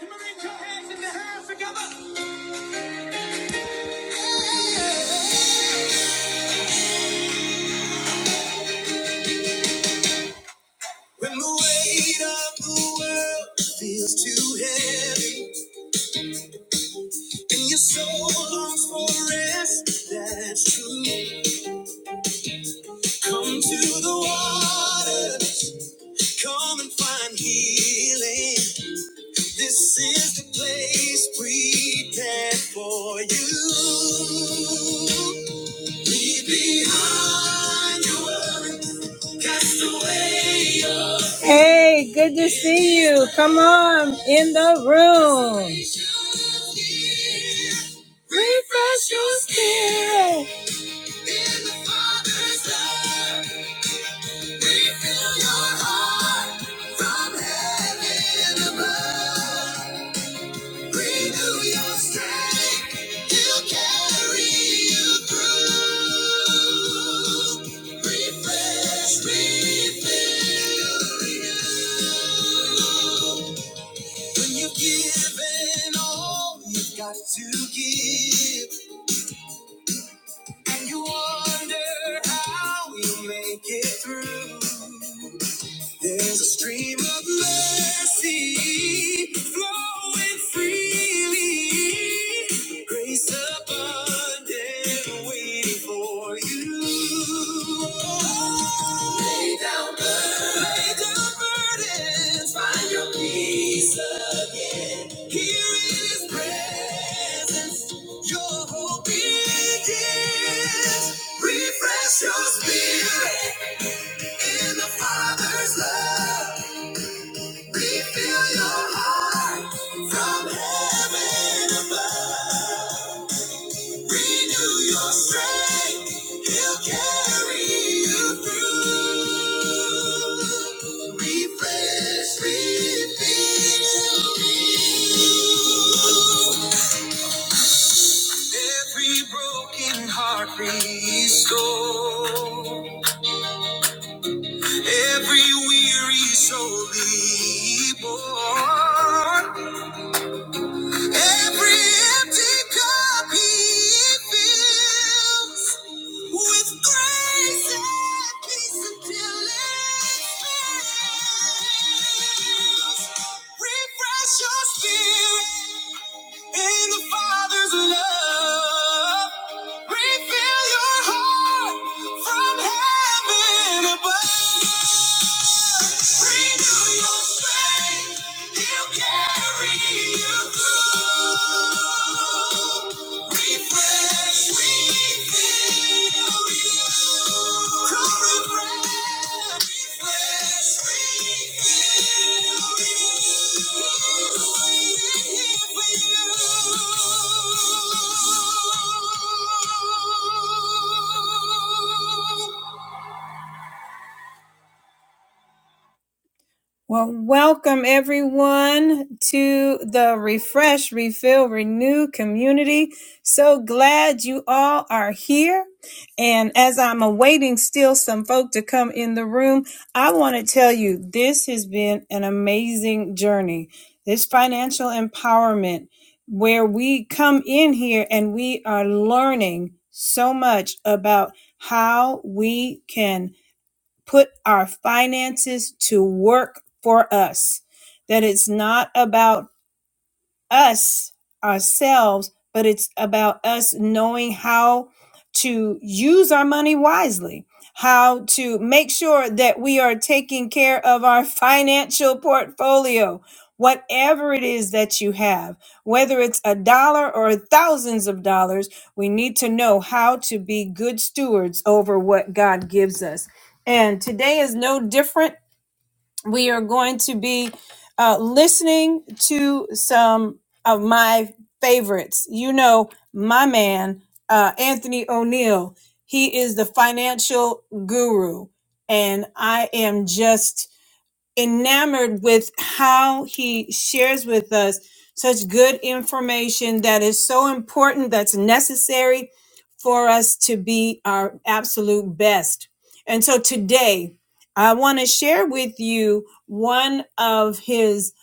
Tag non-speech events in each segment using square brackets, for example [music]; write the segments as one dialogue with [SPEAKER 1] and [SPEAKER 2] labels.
[SPEAKER 1] When the weight of the world feels too heavy and your soul longs for rest, that's true. Come to the water, come and find healing. This is the place prepared for you. Leave behind your worries Hey, good to see you. Come on in the room. Refresh your spirit. In the Father's love, refill your heart from heaven above. Renew your strength. He'll carry you through. Refresh, refill, renew. When you've given all you've got to give, and you wonder how you make it through. There's a stream of mercy flowing freely. Grace abundant waiting for you. Lay down burdens. Lay down burdens. Find your peace again. Here in his presence, your hope begins. Refresh your spirit. In the Father's love, refill your heart from heaven above. Renew your strength, He'll carry you through. Refresh, refill, every broken heart restore. Every weary soul be born. Every empty cup he fills with grace and peace until it fills. Refresh your spirit. In the Father's love, refill your heart from heaven above. Renew your strength, He'll carry you through. Refresh, refill, come refresh. Refresh, refill, Well, welcome everyone to the Refresh, Refill, Renew community. So glad you all are here. And as I'm awaiting still some folk to come in the room, I want to tell you this has been an amazing journey. This financial empowerment, where we come in here and we are learning so much about how we can put our finances to work for us. That it's not about us ourselves, but it's about us knowing how to use our money wisely, how to make sure that we are taking care of our [laughs] financial portfolio. Whatever it is that you have, whether it's a dollar or thousands of dollars, we need to know how to be good stewards over what God gives us. And today is no different we are going to be uh, listening to some of my favorites. You know, my man, uh, Anthony O'Neill, he is the financial guru. And I am just enamored with how he shares with us such good information that is so important, that's necessary for us to be our absolute best. And so today, I want to share with you one of his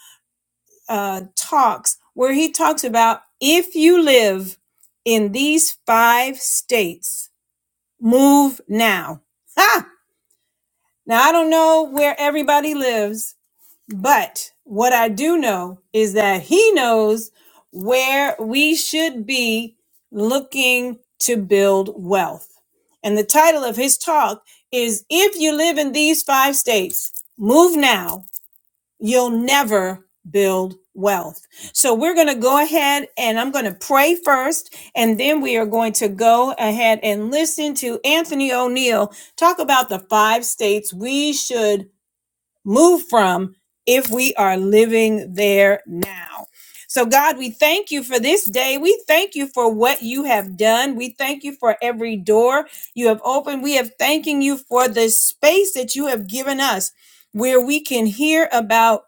[SPEAKER 1] uh, talks where he talks about if you live in these five states, move now. Ha! Now, I don't know where everybody lives, but what I do know is that he knows where we should be looking to build wealth. And the title of his talk is If You Live in These Five States, Move Now, You'll Never Build Wealth. So we're going to go ahead and I'm going to pray first, and then we are going to go ahead and listen to Anthony O'Neill talk about the five states we should move from if we are living there now. So, God, we thank you for this day. We thank you for what you have done. We thank you for every door you have opened. We are thanking you for the space that you have given us where we can hear about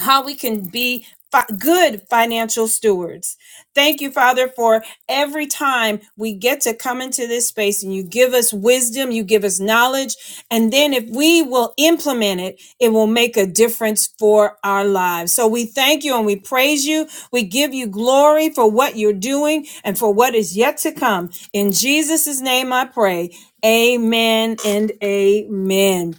[SPEAKER 1] how we can be fi- good financial stewards. Thank you, Father, for every time we get to come into this space and you give us wisdom, you give us knowledge. And then if we will implement it, it will make a difference for our lives. So we thank you and we praise you. We give you glory for what you're doing and for what is yet to come. In Jesus' name I pray. Amen and amen.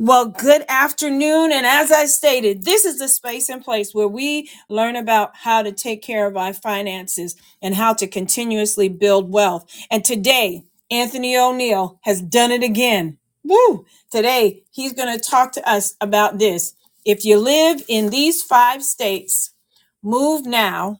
[SPEAKER 1] Well, good afternoon. And as I stated, this is the space and place where we learn about how to take care of our finances and how to continuously build wealth. And today, Anthony O'Neill has done it again. Woo! Today, he's going to talk to us about this. If you live in these five states, move now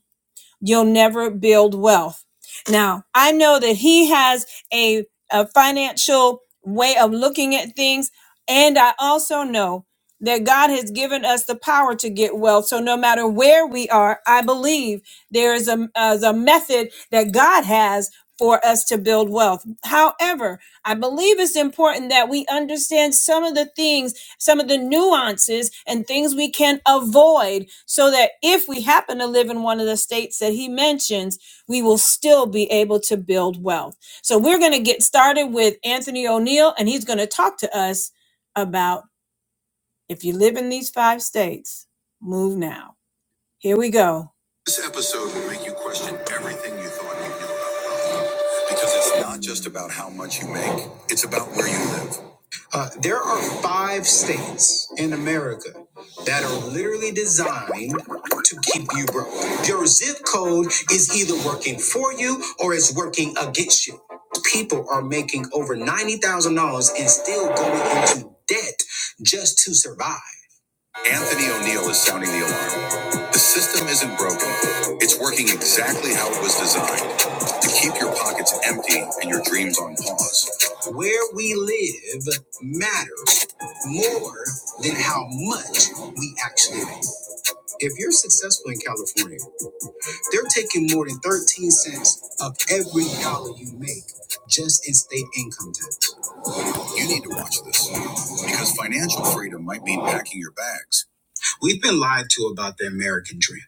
[SPEAKER 1] You'll never build wealth. Now, I know that he has a, a financial way of looking at things. And I also know that God has given us the power to get wealth. So no matter where we are, I believe there is a, is a method that God has for us to build wealth. However, I believe it's important that we understand some of the things some of the nuances and things we can avoid so that if we happen to live in one of the states that he mentions, we will still be able to build wealth. So we're going to get started with Anthony O'Neill, and he's going to talk to us about if you live in these five states, move now. Here we go. This episode will make you question everything you thought you knew about wealth because it's not just about how much you make, it's about where you live. Uh, there are five states in America that are literally designed to keep you broke. Your zip code is either working for you or it's working against you. People are making over $90,000 and still going into debt just to survive. Anthony O'Neill is sounding the alarm. The system isn't broken. It's working exactly how it was designed to keep your pockets empty and your dreams on pause. Where we live matters more than how much we actually make. If you're successful in California, they're taking more than 13 cents of every dollar you make just in state income tax. You need to watch this because financial freedom might mean packing your bags We've been lied to about the American dream.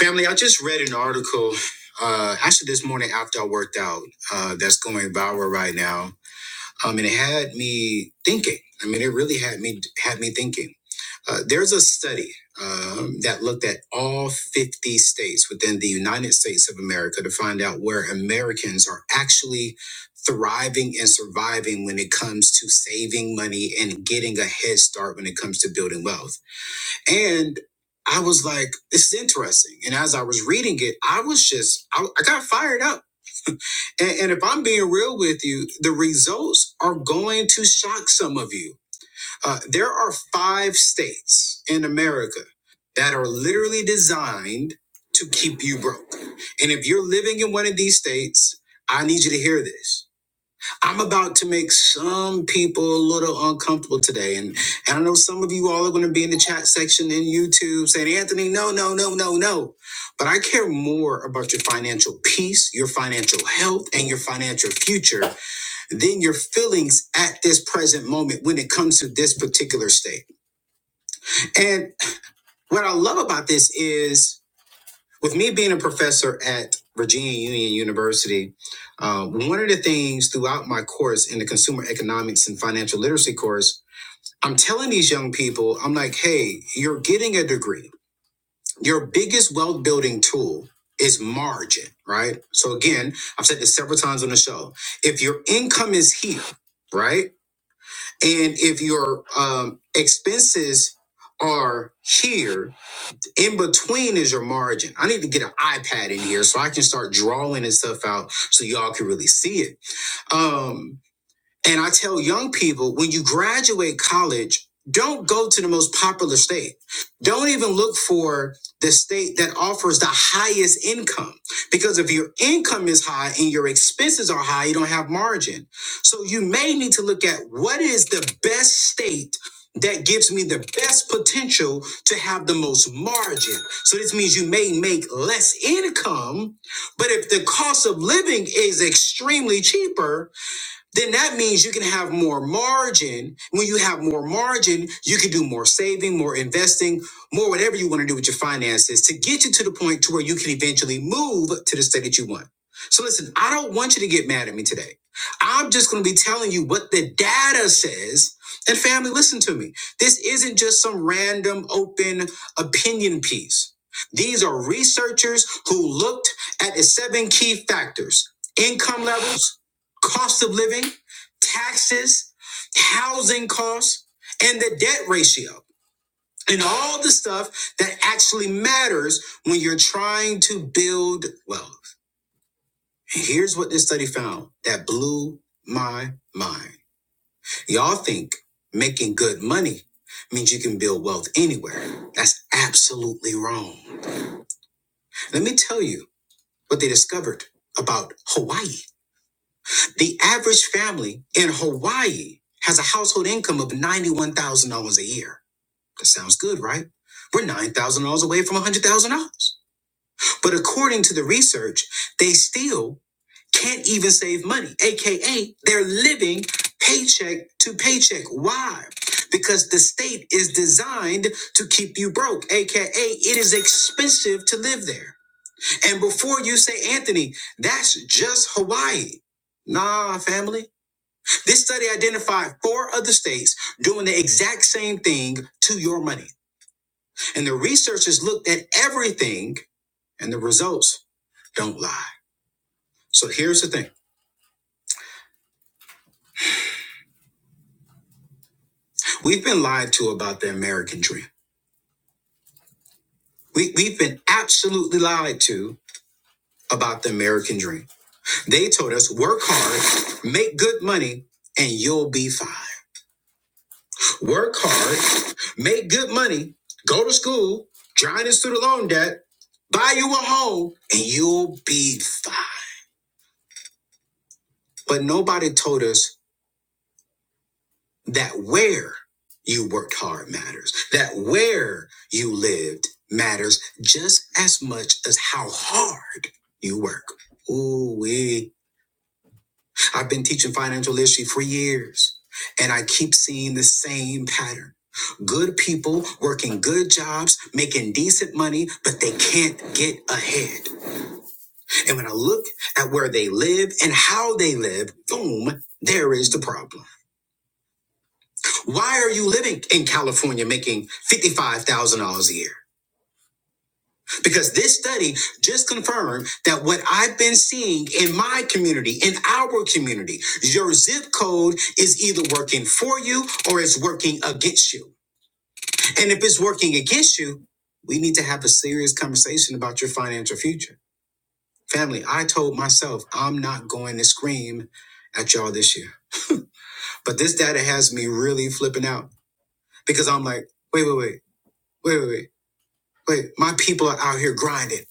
[SPEAKER 1] Family, I just read an article uh, actually this morning after I worked out uh, that's going viral right now. Um, and it had me thinking. I mean, it really had me had me thinking. Uh, there's a study um, that looked at all 50 states within the United States of America to find out where Americans are actually thriving and surviving when it comes to saving money and getting a head start when it comes to building wealth. And I was like, this is interesting. And as I was reading it, I was just, I, I got fired up. And, and if I'm being real with you, the results are going to shock some of you. Uh, there are five states in America that are literally designed to keep you broke. And if you're living in one of these states, I need you to hear this. I'm about to make some people a little uncomfortable today. And, and I know some of you all are going to be in the chat section in YouTube saying, Anthony, no, no, no, no, no. But I care more about your financial peace, your financial health, and your financial future than your feelings at this present moment when it comes to this particular state. And what I love about this is, with me being a professor at Virginia Union University, uh, one of the things throughout my course in the consumer economics and financial literacy course, I'm telling these young people, I'm like, hey, you're getting a degree. Your biggest wealth building tool is margin, right? So again, I've said this several times on the show. If your income is here, right? And if your um, expenses are here, in between is your margin. I need to get an iPad in here so I can start drawing and stuff out so y'all can really see it. Um, and I tell young people when you graduate college, don't go to the most popular state. Don't even look for the state that offers the highest income. Because if your income is high and your expenses are high, you don't have margin. So you may need to look at what is the best state that gives me the best potential to have the most margin. So this means you may make less income, but if the cost of living is extremely cheaper, then that means you can have more margin. When you have more margin, you can do more saving, more investing, more whatever you want to do with your finances to get you to the point to where you can eventually move to the state that you want. So listen, I don't want you to get mad at me today. I'm just going to be telling you what the data says. And family, listen to me. This isn't just some random open opinion piece. These are researchers who looked at the seven key factors income levels, cost of living, taxes, housing costs, and the debt ratio, and all the stuff that actually matters when you're trying to build wealth. And here's what this study found that blew my mind. Y'all think making good money means you can build wealth anywhere. That's absolutely wrong. Let me tell you what they discovered about Hawaii. The average family in Hawaii has a household income of $91,000 a year. That sounds good, right? We're $9,000 away from $100,000. But according to the research, they still can't even save money, AKA, they're living paycheck to paycheck. Why? Because the state is designed to keep you broke, AKA, it is expensive to live there. And before you say, Anthony, that's just Hawaii. Nah, family. This study identified four other states doing the exact same thing to your money. And the researchers looked at everything, and the results don't lie. So here's the thing we've been lied to about the American dream. We, we've been absolutely lied to about the American dream. They told us work hard, make good money, and you'll be fine. Work hard, make good money, go to school, drown in student loan debt, buy you a home, and you'll be fine. But nobody told us that where you worked hard matters, that where you lived matters just as much as how hard you work. Ooh, wee. I've been teaching financial literacy for years, and I keep seeing the same pattern good people working good jobs, making decent money, but they can't get ahead. And when I look at where they live and how they live, boom, there is the problem. Why are you living in California making $55,000 a year? Because this study just confirmed that what I've been seeing in my community, in our community, your zip code is either working for you or it's working against you. And if it's working against you, we need to have a serious conversation about your financial future. Family, I told myself I'm not going to scream at y'all this year. But this data has me really flipping out because I'm like, wait, wait, wait, wait, wait, wait. But my people are out here grinding.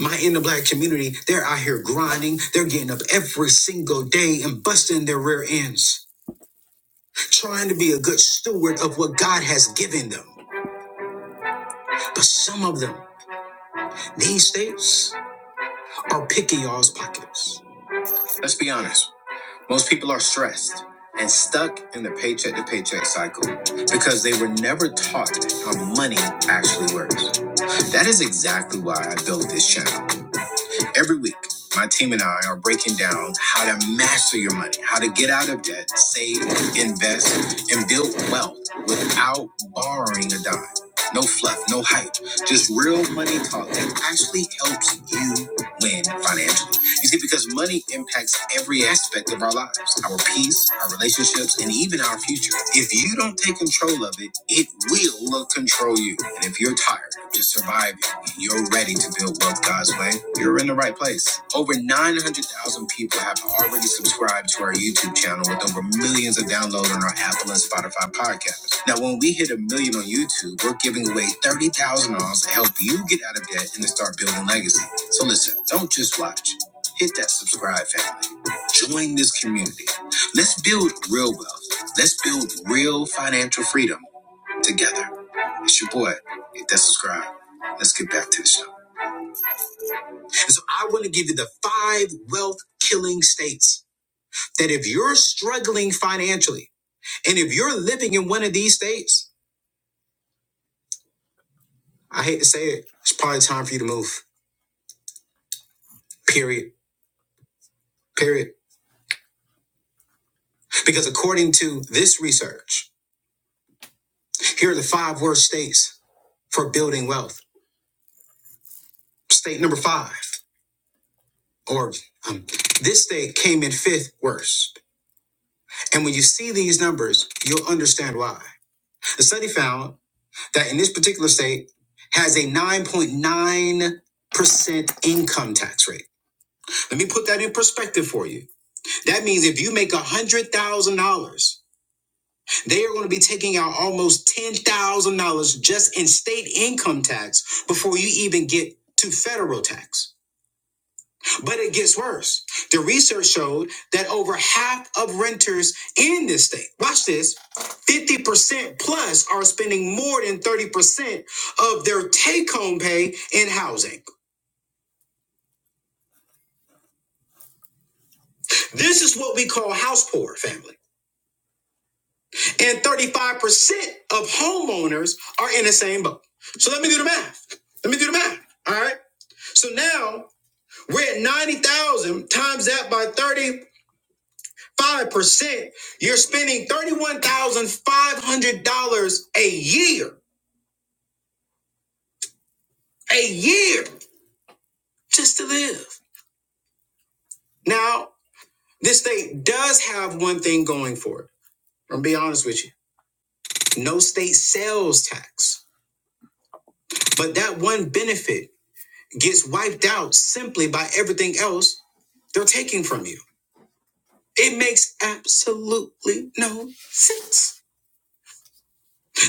[SPEAKER 1] My in the black community, they're out here grinding. They're getting up every single day and busting their rear ends, trying to be a good steward of what God has given them. But some of them these days are picking y'all's pockets. Let's be honest. Most people are stressed and stuck in the paycheck to paycheck cycle because they were never taught how money actually works. That is exactly why I built this channel. Every week, my team and I are breaking down how to master your money, how to get out of debt, save, invest, and build wealth without borrowing a dime. No fluff, no hype, just real money talk that actually helps you win financially. You see, because money impacts every aspect of our lives our peace, our relationships, and even our future. If you don't take control of it, it will control you. And if you're tired, of just surviving you're ready to build wealth God's way. You're in the right place. Over 900,000 people have already subscribed to our YouTube channel with over millions of downloads on our Apple and Spotify podcasts. Now, when we hit a million on YouTube, we're giving away $30,000 to help you get out of debt and to start building legacy. So listen, don't just watch. Hit that subscribe, family. Join this community. Let's build real wealth. Let's build real financial freedom together. It's your boy. Hit that subscribe. Let's get back to the show. And so I want to give you the five wealth killing states that if you're struggling financially and if you're living in one of these states, I hate to say it, it's probably time for you to move. Period. Period. Because according to this research, here are the five worst states for building wealth. State number five, or Um, this state came in fifth worst. And when you see these numbers, you'll understand why. The study found that in this particular state has a 9.9% income tax rate. Let me put that in perspective for you. That means if you make $100,000, they are going to be taking out almost $10,000 just in state income tax before you even get to federal tax. But it gets worse. The research showed that over half of renters in this state, watch this, 50% plus are spending more than 30% of their take home pay in housing. This is what we call house poor family. And 35% of homeowners are in the same boat. So let me do the math. Let me do the math. All right. So now we're at 90,000 times that by 30 5%, you're spending $31,500 a year, a year just to live. Now, this state does have one thing going for it. I'm gonna be honest with you. No state sales tax. But that one benefit gets wiped out simply by everything else they're taking from you. It makes absolutely no sense.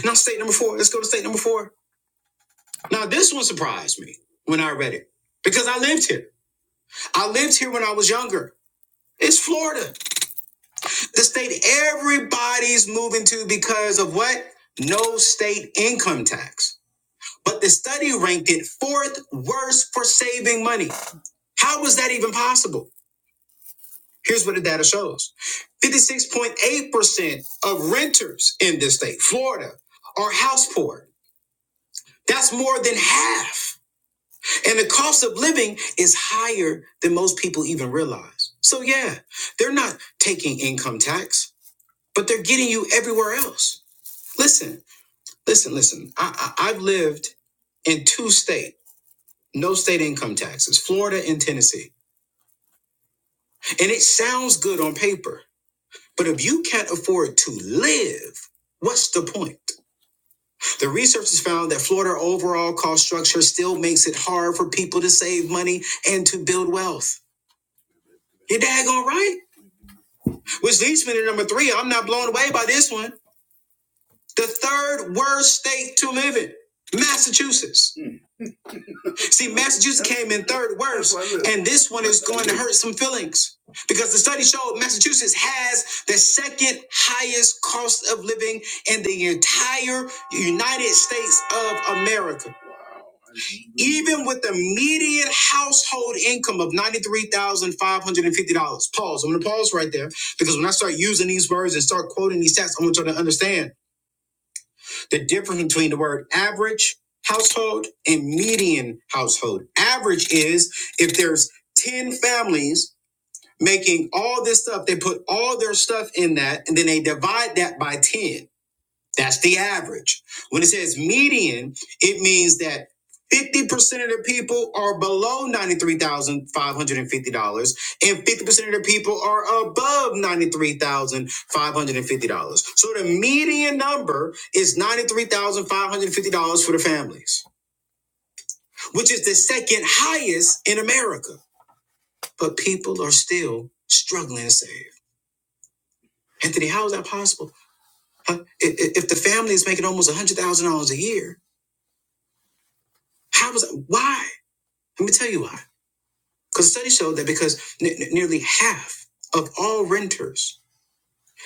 [SPEAKER 1] Now, state number four, let's go to state number four. Now, this one surprised me when I read it because I lived here. I lived here when I was younger. It's Florida, the state everybody's moving to because of what? No state income tax. But the study ranked it fourth worst for saving money. How was that even possible? Here's what the data shows 56.8% of renters in this state, Florida, are house poor. That's more than half. And the cost of living is higher than most people even realize. So, yeah, they're not taking income tax. but they're getting you everywhere else. Listen, listen, listen. I, I, I've lived in two state, no state income taxes, Florida and Tennessee. And it sounds good on paper, but if you can't afford to live, what's the point? The research has found that Florida overall cost structure still makes it hard for people to save money and to build wealth. You're daggone right. Which leads me to number three. I'm not blown away by this one. The third worst state to live in, Massachusetts. See, Massachusetts came in third worst, and this one is going to hurt some feelings because the study showed Massachusetts has the second highest cost of living in the entire United States of America. Even with the median household income of $93,550. Pause. I'm going to pause right there because when I start using these words and start quoting these stats, I want y'all to understand the difference between the word average household and median household. Average is if there's 10 families making all this stuff, they put all their stuff in that and then they divide that by 10. That's the average. When it says median, it means that 50% of the people are below $93,550 and 50% of the people are above $93,550. So the median number is $93,550 for the families, which is the second highest in America. But people are still struggling to save. Anthony, how is that possible? Huh? I- If the family is making almost $100,000 a year, how was why? Let me tell you why. Because studies show that because ne- ne- nearly half of all renters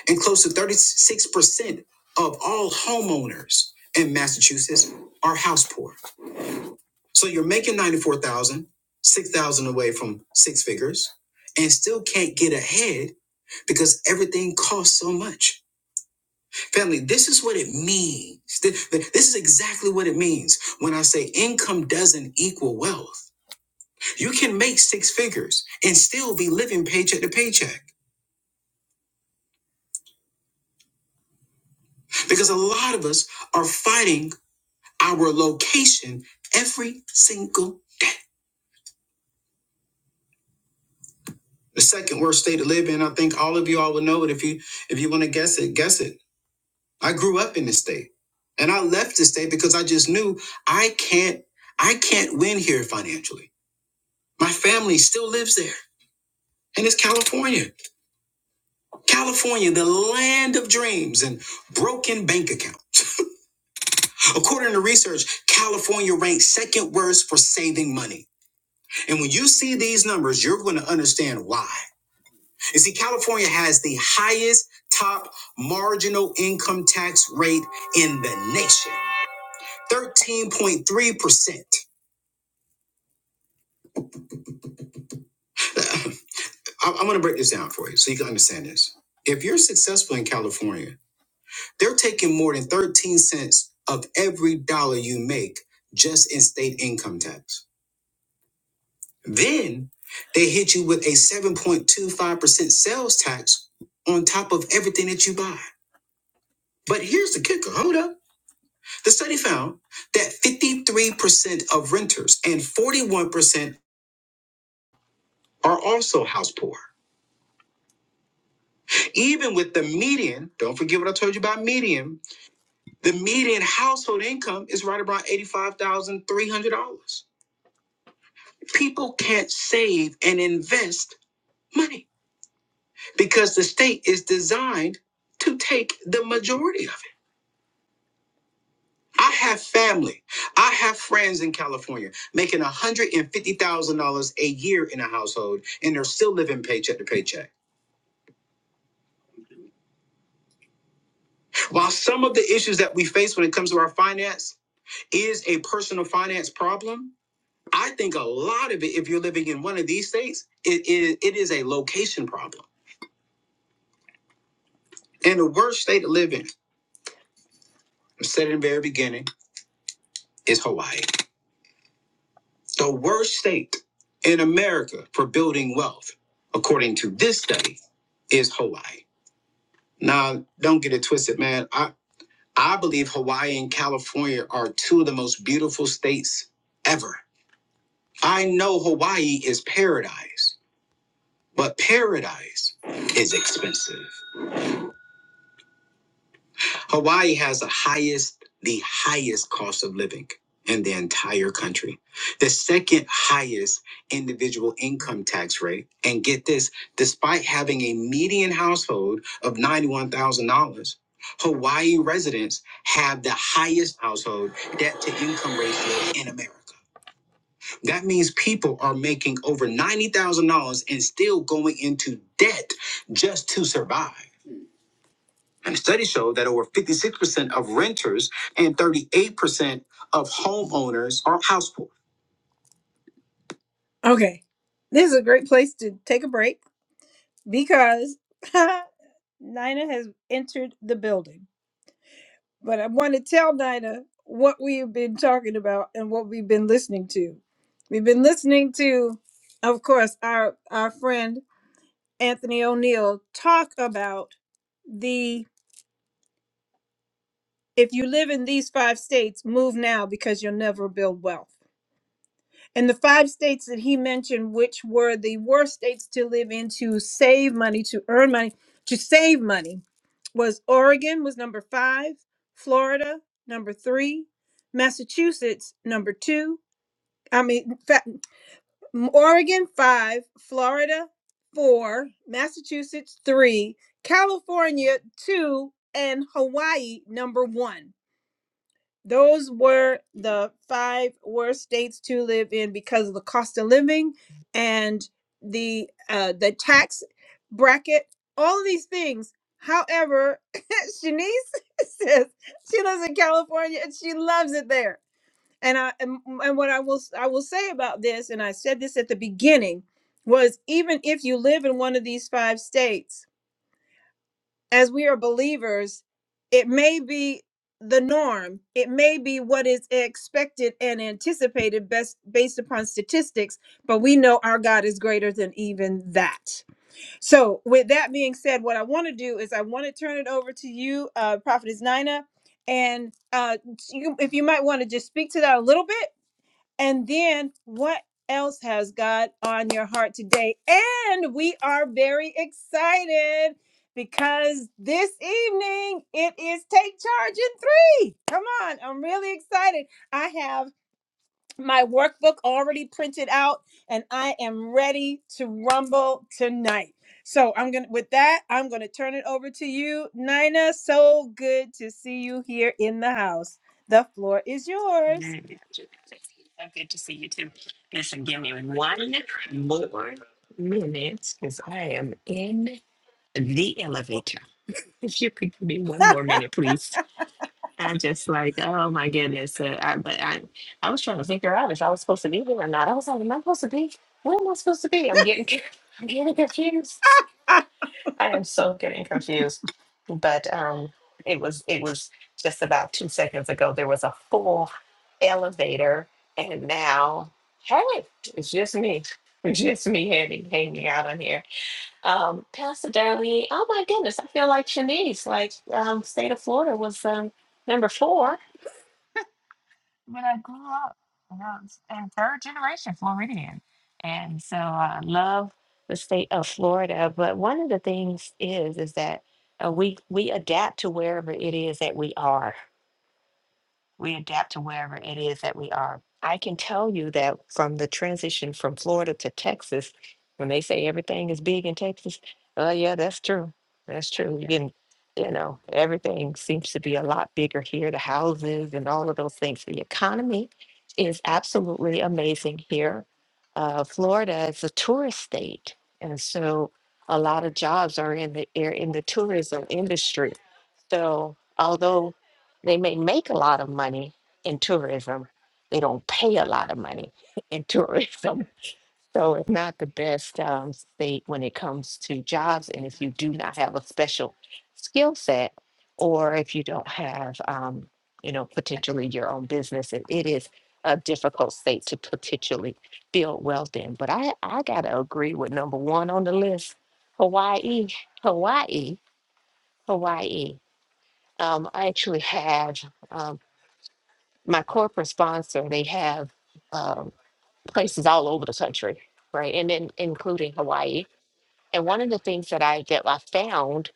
[SPEAKER 1] and close to 36% of all homeowners in Massachusetts are house poor. So you're making 94,000, 6,000 away from six figures and still can't get ahead because everything costs so much. Family, this is what it means. Th- th- This is exactly what it means when I say income doesn't equal wealth. You can make six figures and still be living paycheck to paycheck because a lot of us are fighting our location every single day. The second worst state to live in, I think all of you all will know it. If you if you want to guess it, guess it. I grew up in this state. And I left this state because I just knew I can't I can't win here financially. My family still lives there. And it's California. California, the land of dreams and broken bank accounts. According to research, California ranks second worst for saving money. And when you see these numbers, you're going to understand why. You see, California has the highest top marginal income tax rate in the nation 13.3%. I- am [laughs] going to [sighs] break this down for you so you can understand this. If you're successful in California, they're taking more than 13 cents of every dollar you make just in state income tax. Then they hit you with a 7.25% sales tax on top of everything that you buy. But here's the kicker hold up. The study found that 53% of renters and 41% are also house poor. Even with the median, don't forget what I told you about median, the median household income is right around $85,300. People can't save and invest money because the state is designed to take the majority of it. I have family. I have friends in California making $150,000 a year in a household, and they're still living paycheck to paycheck. While some of the issues that we face when it comes to our finance is a personal finance problem, I think a lot of it, if you're living in one of these states, it is, it is a location problem. And the worst state to live in, I said in the very beginning, is Hawaii. The worst state in America for building wealth, according to this study, is Hawaii. Now, don't get it twisted, man. I, I believe Hawaii and California are two of the most beautiful states ever. I know Hawaii is paradise, but paradise is expensive. Hawaii has the highest, the highest cost of living in the entire country, the second highest individual income tax rate. And get this, despite having a median household of $91,000, Hawaii residents have the highest household debt to income ratio in America. That means people are making over $90,000 and still going into debt just to survive. And studies show that over 56% of renters and 38% of homeowners are house poor. Okay. This is a great place to take a break because [laughs] Nina has entered the building. But I want to tell Nina what we have been talking about and what we've been listening to. We've been listening to, of course, our, our friend Anthony O'Neill talk about the. If you live in these five states, move now because you'll never build wealth. And the five states that he mentioned, which were the worst states to live in to save money, to earn money, to save money, was Oregon was number five, Florida number three, Massachusetts number two. I mean, fa- Oregon five, Florida four, Massachusetts three, California two, and Hawaii number one. Those were the five worst states to live in because of the cost of living and the uh, the tax bracket. All of these things. However, [laughs] Shanice [laughs] says she lives in California and she loves it there. And I and, and what I will I will say about this, and I said this at the beginning, was even if you live in one of these five states as we are believers, it may be the norm. It may be what is expected and anticipated best based upon statistics, but we know our God is greater than even that. So, with that being said, what I want to do is I want to turn it over to you, uh, Prophetess Nina, and uh, you, if you might want to just speak to that a little bit and then what else has God on your heart today? And we are very excited because this evening it is Take Charge in Three. Come on, I'm really excited. I have my workbook already printed out and I am ready to rumble tonight. So I'm gonna with that, I'm gonna turn it over to you, Nina. So good to see you here in the house. The floor is yours.
[SPEAKER 2] Amen. So good to see you too. Listen, give me one more minute because I am in the elevator. If you could give me one more minute, please. I'm just like, oh my goodness. Uh, I, but I, I was trying to figure out if I was supposed to be there or not. I was like, am I supposed to be? Where am I supposed to be? I'm getting, [laughs] I'm getting confused. I am so getting confused. But um, it was it was just about two seconds ago. There was a full elevator, and now hey, it's just me. It's just me hanging hanging out on here. Um, Pastor Darlene, oh my goodness, I feel like Shanice. Like um, state of Florida was um, number four when I grew up, and I was a third generation Floridian. And so I love the state of Florida. But one of the things is, is that uh, we, we adapt to wherever it is that we are we adapt to wherever it is that we are. I can tell you that from the transition from Florida to Texas, when they say everything is big in Texas, oh yeah, that's true. That's true. You can, you know, everything seems to be a lot bigger here, the houses and all of those things. The economy is absolutely amazing here. Uh, Florida is a tourist state, and so a lot of jobs are in the are in the tourism industry. So although they may make a lot of money in tourism. They don't pay a lot of money [laughs] in tourism. So it's not the best um, state when it comes to jobs. And if you do not have a special skill set, or if you don't have, um, you know, potentially your own business, it, it is a difficult state to potentially build wealth in. But I, I got to agree with number one on the list Hawaii, Hawaii, Hawaii. Um, I actually have. um, my corporate sponsor, they have um, places all over the country, right, and then including Hawaii. And one of the things that I that I found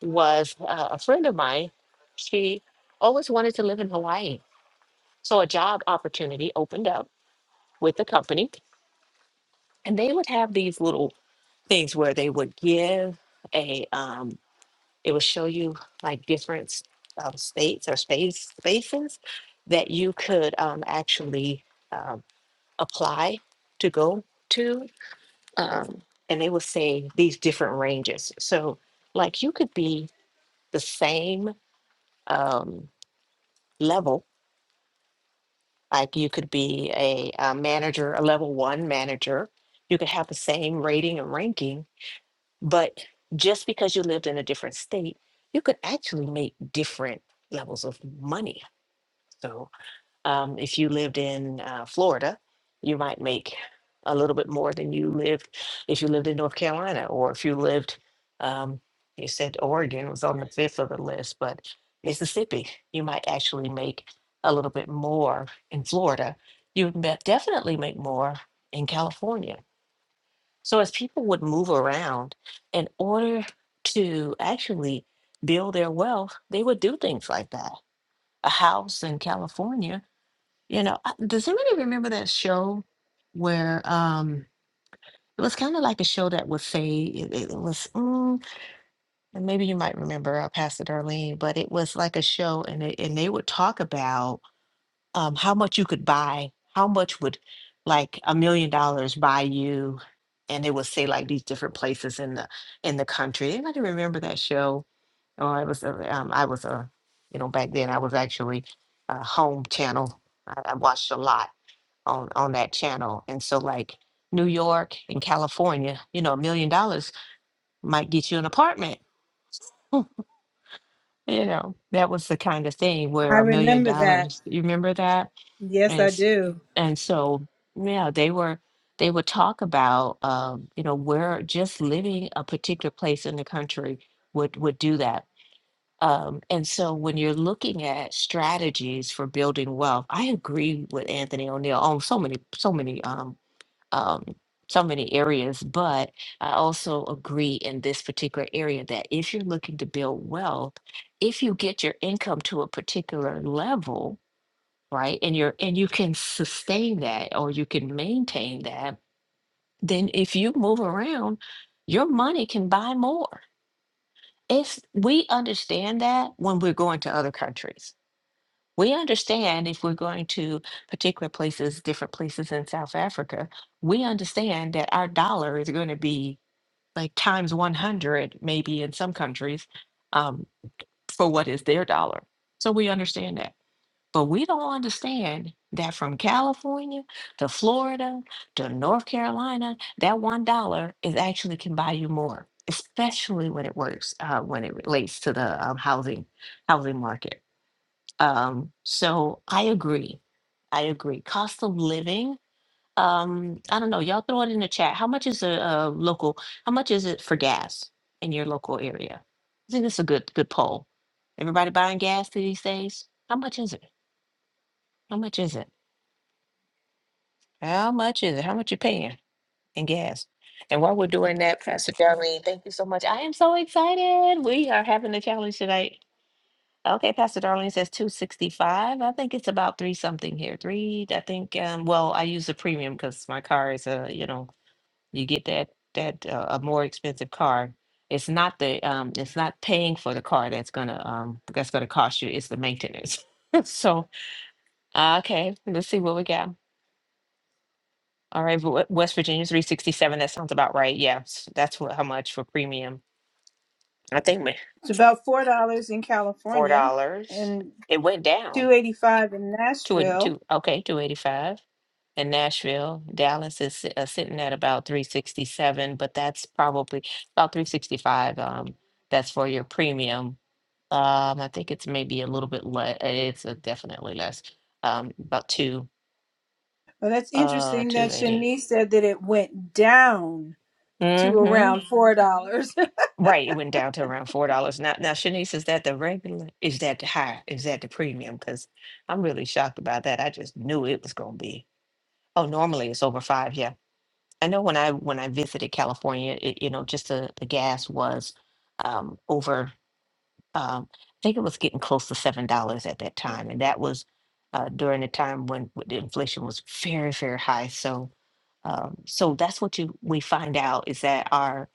[SPEAKER 2] was uh, a friend of mine. She always wanted to live in Hawaii, so a job opportunity opened up with the company, and they would have these little things where they would give a um, it would show you like different um, states or space spaces that you could um, actually um, apply to go to, um, and they will say these different ranges. So, like, you could be the same um, level, like, you could be a, a manager, a level one manager, you could have the same rating and ranking, but just because you lived in a different state, you could actually make different levels of money. So, Um, if you lived in uh, Florida, you might make a little bit more than you lived if you lived in North Carolina, or if you lived, um, you said Oregon was on the fifth of the list, but Mississippi, you might actually make a little bit more in Florida. You would ma- definitely make more in California. So as people would move around in order to actually build their wealth, they would do things like that. A house in California you know, uh, does anybody remember that show where um it was kind of like a show that would say it, it was mm, and maybe you might remember uh, Pastor Darlene, but it was like a show and it, and they would talk about um how much you could buy, how much would like a million dollars buy you, and they would say like these different places in the in the country. Anybody remember that show? Oh, I was uh, um I was a you know back then I was actually a home channel. I, I watched a lot on on that channel. And so like New York and California, you know, a million dollars might get you an apartment. You know, that was the kind of thing
[SPEAKER 1] I
[SPEAKER 2] where a million
[SPEAKER 1] remember that.
[SPEAKER 2] dollars, you remember that?
[SPEAKER 1] Yes,
[SPEAKER 2] And
[SPEAKER 1] I
[SPEAKER 2] s-
[SPEAKER 1] do.
[SPEAKER 2] and so yeah, they were they would talk about um, you know, where just living a particular place in the country would would do that. Um, and so when you're looking at strategies for building wealth, I agree with Anthony O'Neill on so many so many um um, so many areas, but I also agree in this particular area that if you're looking to build wealth, if you get your income to a particular level, right, and you're and you can sustain that or you can maintain that, then if you move around, your money can buy more. It's we understand that when we're going to other countries we understand if we're going to particular places, different places in South Africa, we understand that our dollar is going to be like times 100, maybe in some countries, um, for what is their dollar. So we understand that. But we don't understand that from California to Florida to North Carolina, that one dollar is actually can buy you more, especially when it works, uh, when it relates to the um, housing housing market. Um, so I agree. I agree. Cost of living. Um, I don't know. Y'all throw it in the chat. How much is a, a local? How much is it for gas in your local area? I think that's a good good poll. Everybody buying gas these days? How much is it? How much is it? How much is it? How much you paying in gas? And while we're doing that, Pastor Darlene, thank you so much. I am so excited. We are having a challenge tonight. Okay, Pastor Darlene says two sixty-five. I think it's about three something here. Three, I think, um, well, I use the premium because my car is a, you know, you get that, that, uh, a more expensive car. It's not the, um, it's not paying for the car that's gonna, um, that's gonna cost you. It's the maintenance. [laughs] So, uh, okay, let's see what we got. All right, Ve- West Virginia, three sixty-seven. That sounds about right. Yes, that's what, how much for premium. I think ma-
[SPEAKER 1] It's about four dollars in
[SPEAKER 2] four
[SPEAKER 1] California
[SPEAKER 2] dollars.
[SPEAKER 1] and
[SPEAKER 2] It went down.
[SPEAKER 1] two eighty five in
[SPEAKER 2] Two, and-
[SPEAKER 1] Nashville.
[SPEAKER 2] two, okay, two eighty-five. And Nashville, Dallas is si- uh, sitting at about three sixty-seven, but that's probably about three sixty-five. Um, that's for your premium. Um, I think it's maybe a little bit less. It's uh, definitely less. Um, about two,
[SPEAKER 1] Well, that's
[SPEAKER 2] uh,
[SPEAKER 1] interesting
[SPEAKER 2] two
[SPEAKER 1] that
[SPEAKER 2] eighty.
[SPEAKER 1] Shanice said that it went down to
[SPEAKER 2] Mm-hmm.
[SPEAKER 1] around four [laughs] dollars.
[SPEAKER 2] Right, it went down to around four dollars. Now, now, Shanice, is that the regular? Is that the high? Is that the premium? Because I'm really shocked about that. I just knew it was going to be. Oh, normally it's over five. Yeah. I know when I when I visited California, it, you know, just the, the gas was um, over um, I think it was getting close to seven dollars at that time, and that was uh, during the time when the inflation was very, very high. So, um, so that's what you we find out is that our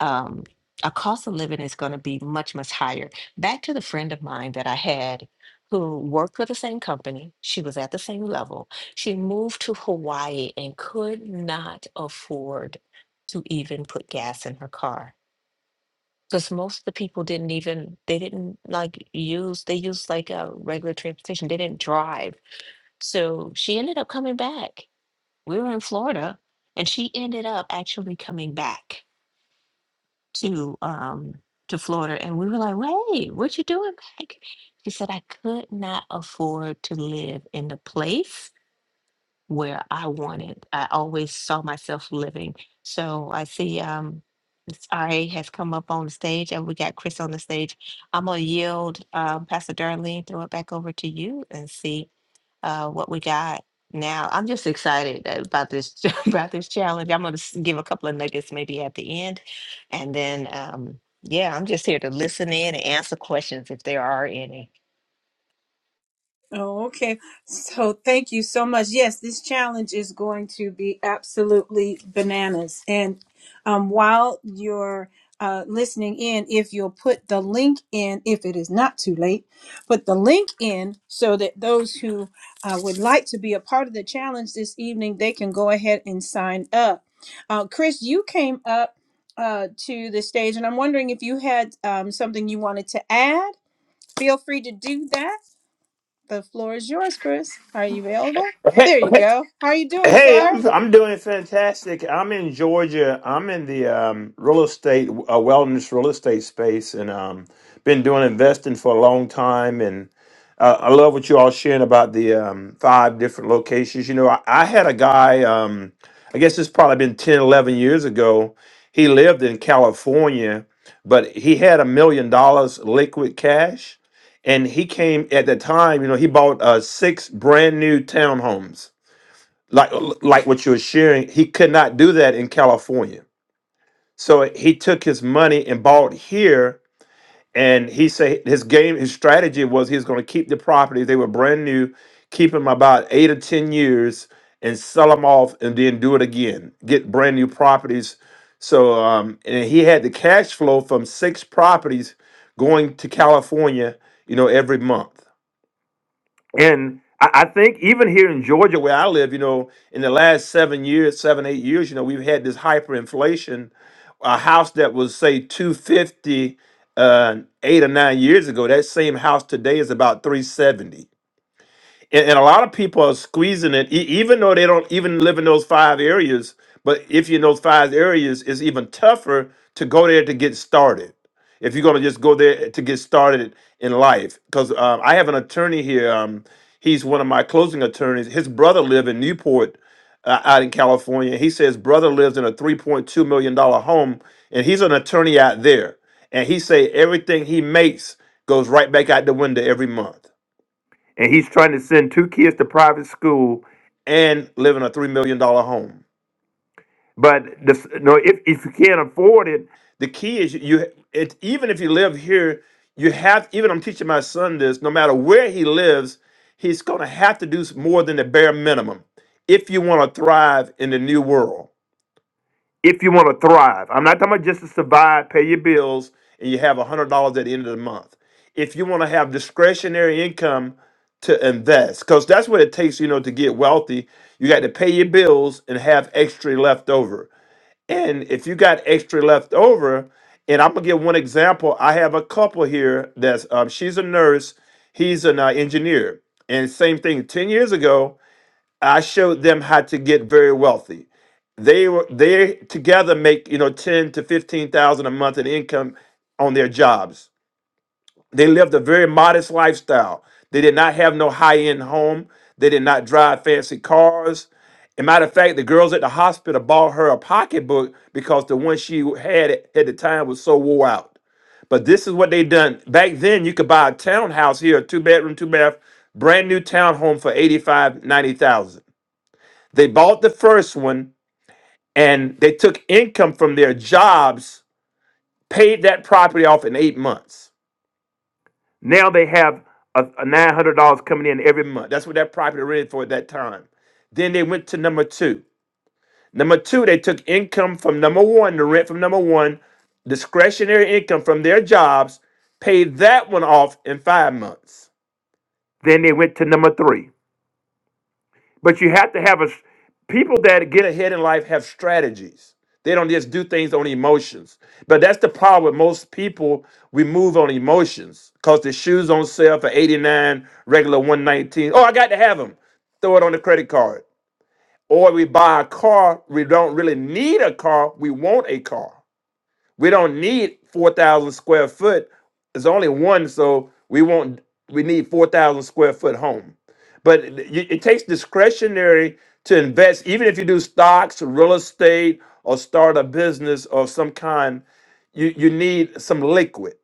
[SPEAKER 2] um, our cost of living is going to be much, much higher. Back to the friend of mine that I had who worked for the same company. She was at the same level. She moved to Hawaii and could not afford to even put gas in her car because most of the people didn't even, they didn't like use, they used like a regular transportation. They didn't drive. So she ended up coming back. We were in Florida and she ended up actually coming back to um to Florida. And we were like, wait, what you doing back? She said, I could not afford to live in the place where I wanted. I always saw myself living. So I see um, Ms. RA has come up on the stage and we got Chris on the stage. I'm going to yield um, Pastor Darlene, throw it back over to you and see uh, what we got. Now, I'm just excited about this [laughs] about this challenge. I'm going to give a couple of nuggets maybe at the end. And then, um, yeah, I'm just here to listen in and answer questions if there are any.
[SPEAKER 1] Oh, okay. So thank you so much. Yes, this challenge is going to be absolutely bananas. And um, while you're uh, listening in, if you'll put the link in, if it is not too late, put the link in so that those who uh, would like to be a part of the challenge this evening, they can go ahead and sign up. Uh, Chris, you came up uh, to the stage, and I'm wondering if you had um, something you wanted to add. Feel free to do that. The floor is yours, Chris. Are you available?
[SPEAKER 3] Hey,
[SPEAKER 1] There you
[SPEAKER 3] hey,
[SPEAKER 1] go. How are you doing,
[SPEAKER 3] hey,
[SPEAKER 1] sir?
[SPEAKER 3] I'm I'm doing fantastic. I'm in Georgia. I'm in the um, real estate, uh, wellness real estate space, and um, been doing investing for a long time. And uh, I love what you all sharing about the um, five different locations. You know, I, I had a guy. Um, I guess it's probably been 10, 11 years ago. He lived in California, but he had a million dollars liquid cash, and he came at the time. You know, he bought uh, six brand new townhomes like like what you are sharing he could not do that in california so he took his money and bought here and he said his game his strategy was he was going to keep the properties they were brand new keep them about eight or ten years and sell them off and then do it again get brand new properties so um and he had the cash flow from six properties going to california you know every month and I, I think even here in Georgia, where I live, you know, in the last seven years, seven eight years, you know, we've had this hyperinflation. A house that was say two fifty uh, eight or nine years ago, that same house today is about three seventy and, and a lot of people are squeezing it, e- even though they don't even live in those five areas. But if you're in those five areas, it's even tougher to go there to get started. If you're gonna just go there to get started in life, because um, I have an attorney here. Um, he's one of my closing attorneys. His brother lived in Newport, uh, out in California. He says brother lives in a 3.2 million dollar home, and he's an attorney out there. And he say everything he makes goes right back out the window every month and he's trying to send two kids to private school and live in a $3 million dollar home. but the, no if, if you can't afford it the key is you it, even if you live here you have even i'm teaching my son this no matter where he lives he's going to have to do s- more than the bare minimum if you want to thrive in the new world if you want to thrive. I'm not talking about just to survive, pay your bills, and you have $100 at the end of the month. If you want to have discretionary income to invest, because that's what it takes, you know, to get wealthy. You got to pay your bills and have extra left over. And if you got extra left over, and I'm gonna give one example. I have a couple here that's um, she's a nurse, he's an uh, engineer, and same thing. Ten years ago, I showed them how to get very wealthy they were they together make you know ten to fifteen thousand a month in income on their jobs. They lived a very modest lifestyle. They did not have no high end home. They did not drive fancy cars. As a matter of fact, the girls at the hospital bought her a pocketbook because the one she had at at the time was so wore out. But this is what they done back then. You could buy a townhouse here, a two bedroom, two bath, brand new townhome for eighty five, ninety thousand. They bought the first one and they took income from their jobs, paid that property off in eight months. Now they have a, a nine hundred dollars coming in every month. That's what that property rented for at that time. Then they went to number two. Number two, they took income from number one, the rent from number one, discretionary income from their jobs, paid that one off in five months. Then they went to number three. But you have to have a s- people that get ahead in life have strategies. They don't just do things on emotions. But that's the problem with most people. We move on emotions because the shoes on sale for 89, regular 119. Oh, I got to have them. Throw it on the credit card. Or we buy a car. We don't really need a car. We want a car. We don't need four thousand square foot. There's only one, so we won't. We need four thousand square foot home. But it it takes discretionary to invest, even if you do stocks, real estate, or start a business of some kind. You you need some liquid,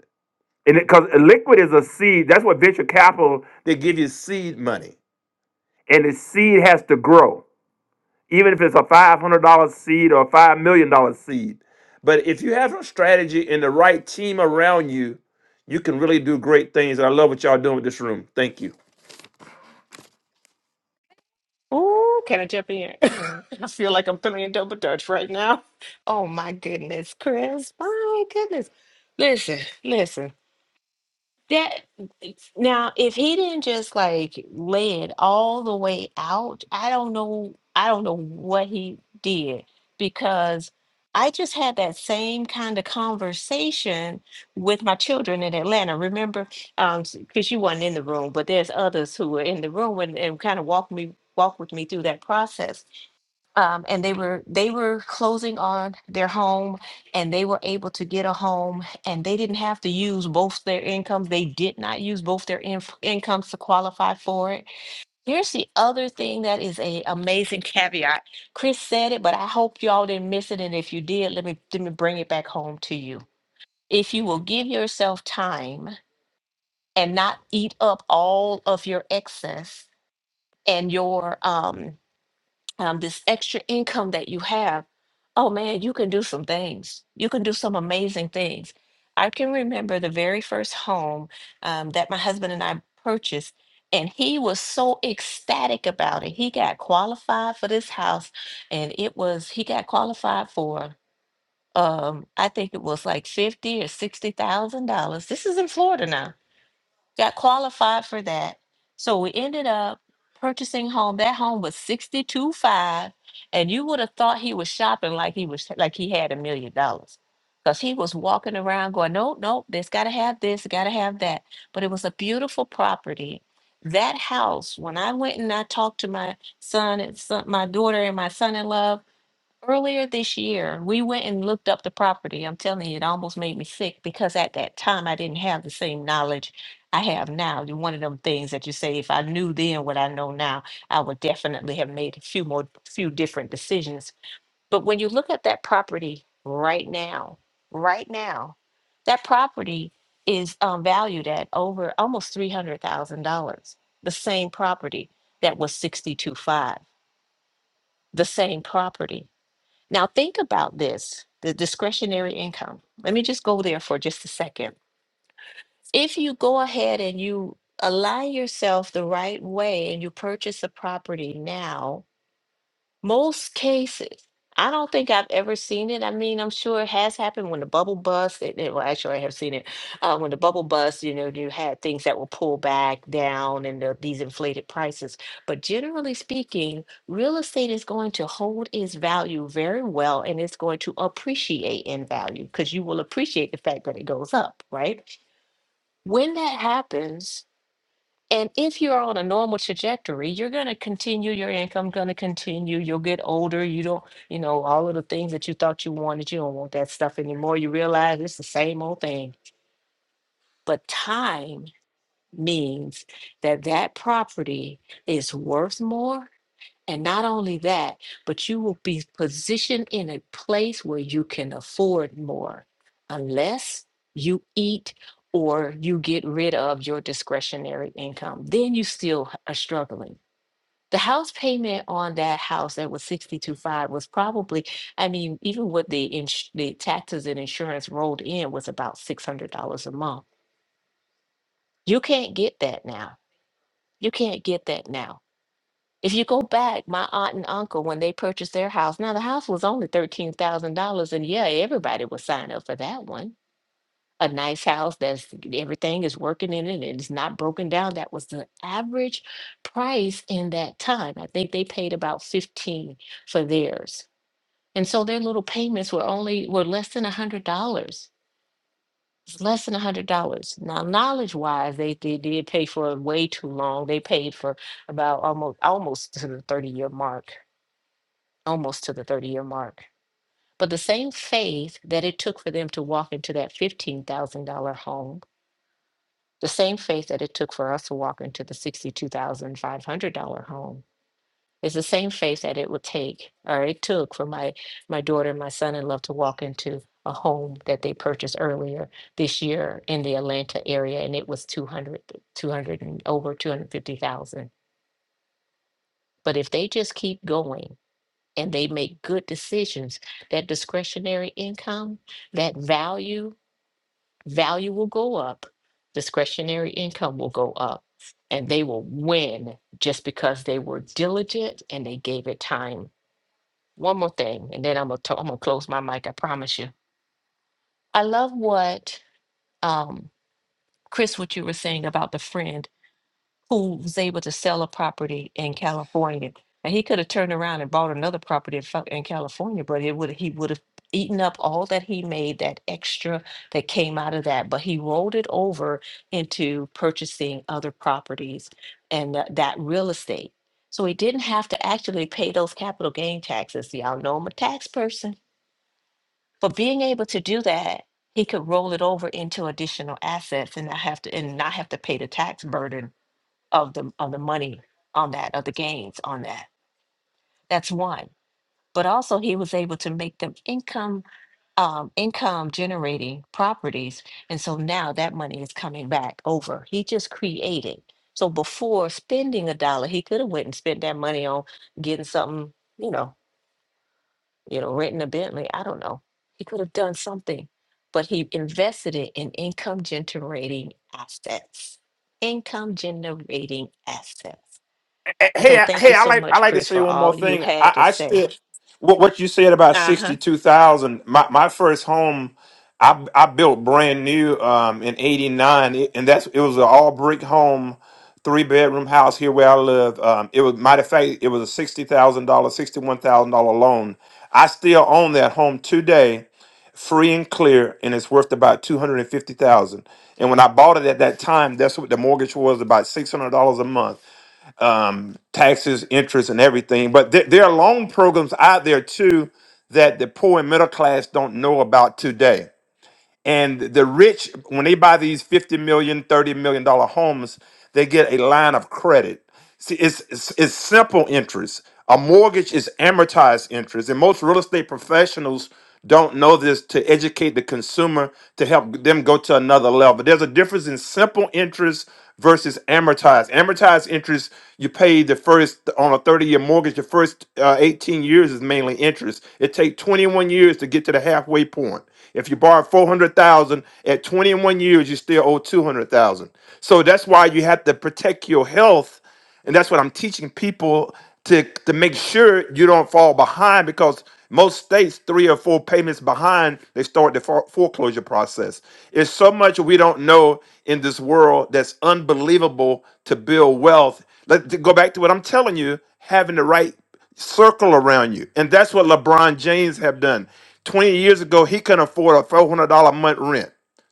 [SPEAKER 3] and because liquid is a seed. That's what venture capital they give you seed money, and the seed has to grow even if it's a $500 seed or a $5 million dollar seed. But if you have a strategy and the right team around you, you can really do great things. And I love what y'all doing with this room. Thank you.
[SPEAKER 2] Ooh, can I jump in? [laughs] I feel like I'm feeling double dutch right now. Oh my goodness, Chris. My goodness. Listen, listen. That now, if he didn't just like lay it all the way out, I don't know. I don't know what he did because I just had that same kind of conversation with my children in Atlanta. Remember, um, because you were not in the room, but there's others who were in the room and, and kind of walked me walked with me through that process um, and they were they were closing on their home and they were able to get a home and they didn't have to use both their incomes they did not use both their inf- incomes to qualify for it here's the other thing that is a amazing [laughs] caveat chris said it but i hope y'all didn't miss it and if you did let me let me bring it back home to you if you will give yourself time and not eat up all of your excess and your um um, this extra income that you have, oh man, you can do some things. You can do some amazing things. I can remember the very first home um, that my husband and I purchased, and he was so ecstatic about it. He got qualified for this house, and it was, he got qualified for, um, I think it was like fifty or sixty thousand dollars. This is in Florida now got qualified for that. So we ended up purchasing home. That home was sixty two five, and you would have thought he was shopping like he was like he had a million dollars, because he was walking around going, nope, nope, this got to have this, got to have that. But it was a beautiful property. That house, when I went and I talked to my son and son, my daughter and my son in law Earlier this year, we went and looked up the property. I'm telling you, it almost made me sick because at that time I didn't have the same knowledge I have now. You're One of them things that you say, if I knew then what I know now, I would definitely have made a few more, few different decisions. But when you look at that property right now, right now, that property is um, valued at over almost three hundred thousand dollars. The same property that was sixty-two five, the same property. Now think about this, the discretionary income. Let me just go there for just a second. If you go ahead and you align yourself the right way and you purchase a property now, most cases. I don't think I've ever seen it. I mean, I'm sure it has happened when the bubble bust. It, it- well, actually, I have seen it uh, when the bubble bust. You know, you had things that were pulled back down and the, these inflated prices. But generally speaking, real estate is going to hold its value very well, and it's going to appreciate in value because you will appreciate the fact that it goes up, right? When that happens, and if you're on a normal trajectory, you're going to continue, your income going to continue. You'll get older. You don't, you know, all of the things that you thought you wanted, you don't want that stuff anymore. You realize it's the same old thing. But time means that that property is worth more and not only that, but you will be positioned in a place where you can afford more unless you eat or you get rid of your discretionary income. Then you still h- are struggling. The house payment on that house that was sixty two five was probably, I mean, even with the, ins- the taxes and insurance rolled in was about $600 a month. You can't get that now. You can't get that now If you go back, my aunt and uncle, when they purchased their house, now the house was only $13,000. And yeah, everybody would sign up for that one. A nice house that's everything is working in it and it's not broken down. That was the average price in that time. I think they paid about 15 for theirs. And so their little payments were only were less than $100. It's less than $100. Now, knowledge-wise, they, they did pay for it way too long. They paid for about almost almost to the 30-year mark almost to the 30 year mark. But the same faith that it took for them to walk into that $15,000 home, the same faith that it took for us to walk into the $62,500 home, is the same faith that it would take or it took for my, my daughter and my son in law to walk into a home that they purchased earlier this year in the Atlanta area and it was 200, 200 and over 250,000. But if they just keep going and they make good decisions, that discretionary income, that value, value will go up, discretionary income will go up, and they will win just because they were diligent and they gave it time. One more thing, and then I'm gonna to- I'm gonna close my mic. I promise you. I love what um, Chris, what you were saying about the friend who was able to sell a property in California. And he could have turned around and bought another property in Fa- in California, but it would he would have eaten up all that he made, that extra that came out of that. But he rolled it over into purchasing other properties and tha- that real estate. So he didn't have to actually pay those capital gain taxes. Y'all know I'm a tax person. But being able to do that, he could roll it over into additional assets and not have to and not have to pay the tax burden of the of the money on that of the gains on that that's one but also he was able to make them income um, income generating properties and so now that money is coming back over he just created so before spending a dollar he could have went and spent that money on getting something you know you know renting a bentley i don't know he could have done something but he invested it in income generating assets income generating assets
[SPEAKER 3] Eh, Hey,
[SPEAKER 2] So
[SPEAKER 3] I-
[SPEAKER 2] thank
[SPEAKER 3] hey,
[SPEAKER 2] you
[SPEAKER 3] I
[SPEAKER 2] so
[SPEAKER 3] like I
[SPEAKER 2] much,
[SPEAKER 3] like to
[SPEAKER 2] Chris,
[SPEAKER 3] say
[SPEAKER 2] for
[SPEAKER 3] one more
[SPEAKER 2] all you
[SPEAKER 3] thing. I,
[SPEAKER 2] had to
[SPEAKER 3] I
[SPEAKER 2] say.
[SPEAKER 3] still what what you said about
[SPEAKER 2] Uh huh.
[SPEAKER 3] sixty two thousand. My my first home, I I built brand new um in eighty nine, and that's it was an all brick home, three bedroom house here where I live. Um, it was matter of fact, it was a sixty thousand dollar, sixty one thousand dollar loan. I still own that home today, free and clear, and it's worth about two hundred and fifty thousand. And when I bought it at that time, that's what the mortgage was about six hundred dollars a month um, taxes, interest, and everything. But there, there are loan programs out there too that the poor and middle class don't know about today. And the rich, when they buy these fifty million, thirty million dollar homes, they get a line of credit. See, it's, it's it's simple interest. A mortgage is amortized interest, and most real estate professionals don't know this to educate the consumer to help them go to another level. There's a difference in simple interest versus amortized. Amortized interest, you pay the first on a 30-year mortgage, the first uh, 18 years is mainly interest. It takes 21 years to get to the halfway point. If you borrow 400,000 at 21 years, you still owe 200,000. So that's why you have to protect your health and that's what I'm teaching people to, to make sure you don't fall behind because most states, three or four payments behind, they start the fore- foreclosure process. It's so much we don't know in this world that's unbelievable to build wealth. Let's go back to what I'm telling you having the right circle around you. And that's what LeBron James have done. 20 years ago, he couldn't afford a $400 a month rent.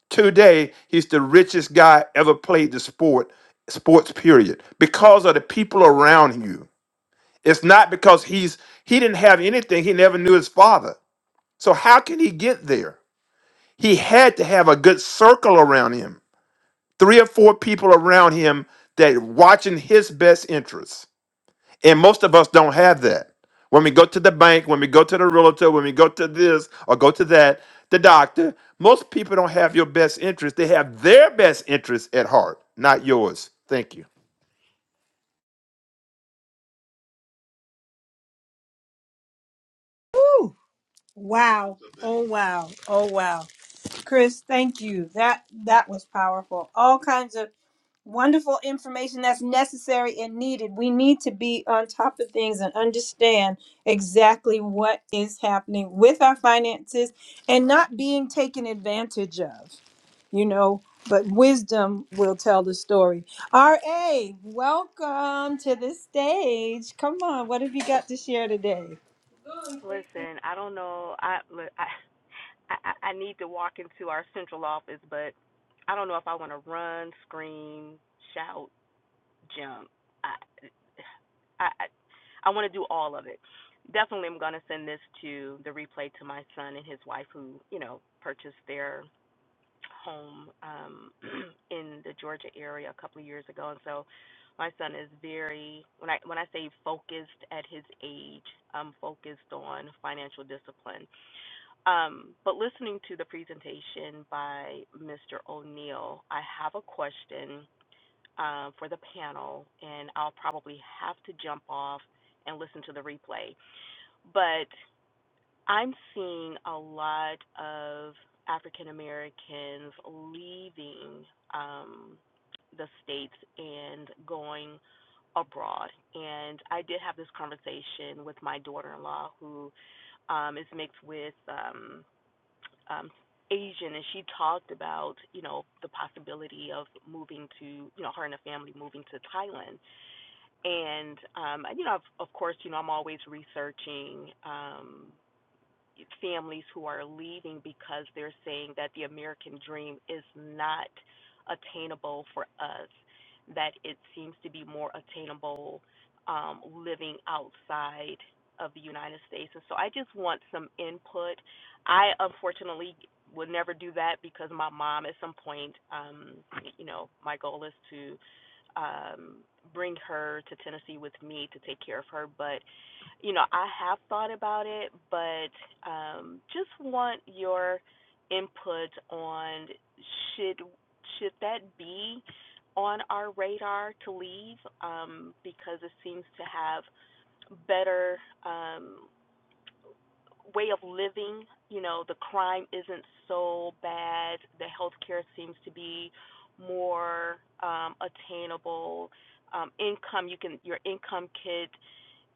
[SPEAKER 3] Today, he's the richest guy ever played the sport sports period because of the people around you it's not because he's he didn't have anything he never knew his father so how can he get there he had to have a good circle around him three or four people around him that watching his best interests and most of us don't have that when we go to the bank when we go to the realtor when we go to this or go to that the doctor most people don't have your best interest they have their best interest at heart not yours thank you
[SPEAKER 1] Woo! Wow. Oh wow. Oh wow. Chris, thank you. That that was powerful. All kinds of wonderful information that's necessary and needed. We need to be on top of things and understand exactly what is happening with our finances and not being taken advantage of, you know. But wisdom will tell the story. RA, welcome to the stage. Come on, what have you got to share today?
[SPEAKER 4] Listen, I don't know. I, I I I need to walk into our central office, but I don't know if I want to run, scream, shout, jump. I I I want to do all of it. Definitely, I'm gonna send this to the replay to my son and his wife, who you know purchased their home um [clears throat] in the Georgia area a couple of years ago, and so my son is very when I when I say focused at his age, I'm focused on financial discipline Um, but listening to the presentation by Mr. O'Neill, I have a question uh, for the panel, and I'll probably have to jump off and listen to the replay. But I'm seeing a lot of African Americans leaving um, the States and going abroad. And I did have this conversation with my daughter in law who um, is mixed with. Um, um, Asian, and she talked about you know the possibility of moving to you know her and her family moving to Thailand, and um, you know of, of course you know I'm always researching. Um, families who are leaving because they're saying that the American dream is not attainable for us, that it seems to be more attainable um, living outside of the United States. And so I just want some input. I unfortunately would never do that because my mom at some point, um, you know, my goal is to um, bring her to Tennessee with me to take care of her, but you know, I have thought about it, but um, just want your input on should should that be on our radar to leave um, because it seems to have better um, way of living. You know, the crime isn't so bad. The healthcare seems to be more um, attainable. Um, income you can your income could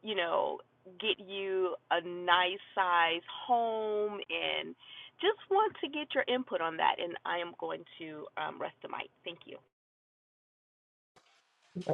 [SPEAKER 4] you know, get you a nice size home and just want to get your input on that. And I am going to um, rest the mic. Thank you.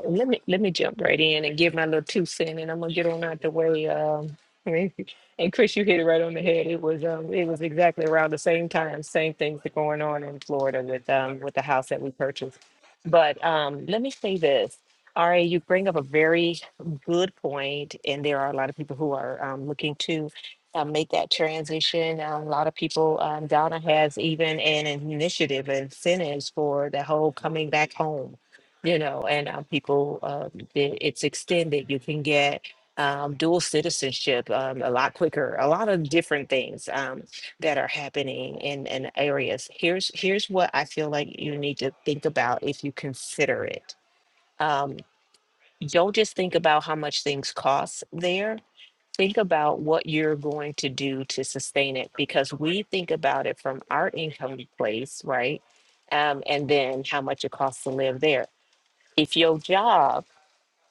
[SPEAKER 2] Let me let me jump right in and give my little two cent, and I'm gonna get on out the way. Um, [laughs] and Chris, you hit it right on the head. It was um, it was exactly around the same time. Same things that going on in Florida with um, with the house that we purchased. But um, let me say this, Ari, you bring up a very good point, and there are a lot of people who are um, looking to. Uh, make that transition. Uh, a lot of people, um, Donna has even an initiative, incentives for the whole coming back home you know, and um, people, um, it- it's extended. You can get um, dual citizenship um, a lot quicker. A lot of different things um, that are happening in, in areas. Here's here's what I feel like you need to think about if you consider it. Um, don't just think about how much things cost there. Think about what you're going to do to sustain it because we think about it from our income place, right? Um, and then how much it costs to live there if your job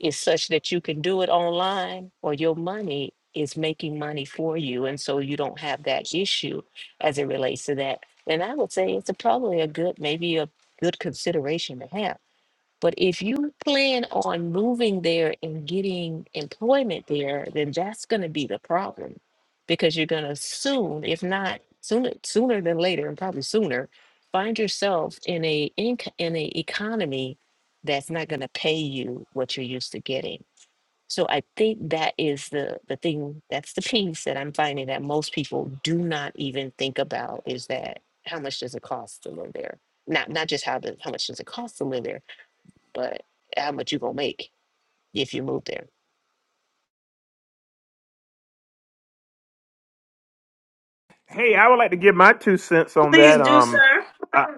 [SPEAKER 2] is such that you can do it online or your money is making money for you. And so you don't have that issue as it relates to that. And I would say it's a, probably a good, maybe a good consideration to have but if you plan on moving there and getting employment there, then that's going to be the problem because you're going to soon, if not sooner, sooner than later, and probably sooner, find yourself in a inc- in a economy that's not going to pay you what you're used to getting. So I think that is the the thing that's the piece that I'm finding that most people do not even think about is that how much does it cost to live there? Not not just how the how much does it cost to live there, but how much you gonna make if you move there?
[SPEAKER 3] Hey, I would like to give my two cents on
[SPEAKER 1] Please
[SPEAKER 3] that.
[SPEAKER 1] do,
[SPEAKER 3] Um,
[SPEAKER 1] sir.
[SPEAKER 3] I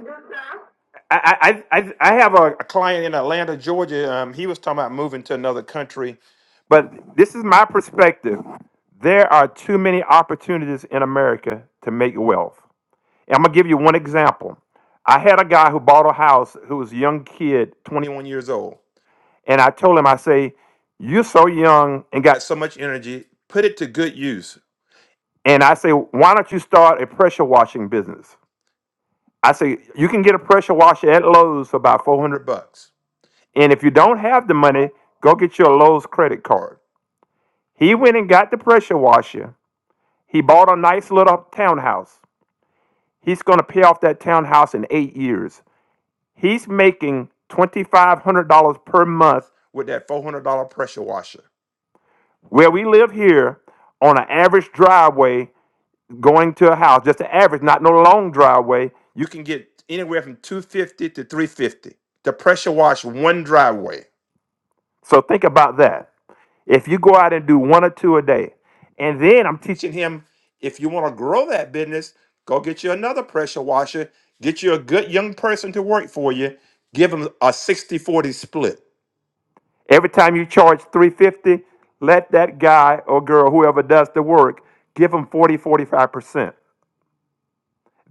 [SPEAKER 3] I I, I I have a, a client in Atlanta, Georgia. Um, he was talking about moving to another country, but this is my perspective. There are too many opportunities in America to make wealth. And I'm gonna give you one example. I had a guy who bought a house who was a young kid, 21 years old, and I told him, I say, you're so young and got so much energy, put it to good use and I say, why don't you start a pressure washing business? I say, you can get a pressure washer at Lowe's for about 400 bucks. And if you don't have the money, go get your Lowe's credit card. He went and got the pressure washer. He bought a nice little townhouse. He's going to pay off that townhouse in eight years. He's making $2,500 per month with that $400 pressure washer. Where we live here, on an average driveway, going to a house, just an average, not no long driveway, you can get anywhere from 250 to 350 to pressure wash one driveway. So think about that. If you go out and do one or two a day, and then I'm teaching him if you want to grow that business, go get you another pressure washer, get you a good young person to work for you, give them a sixty forty split. Every time you charge 350, let that guy or girl, whoever does the work, give them forty forty five percent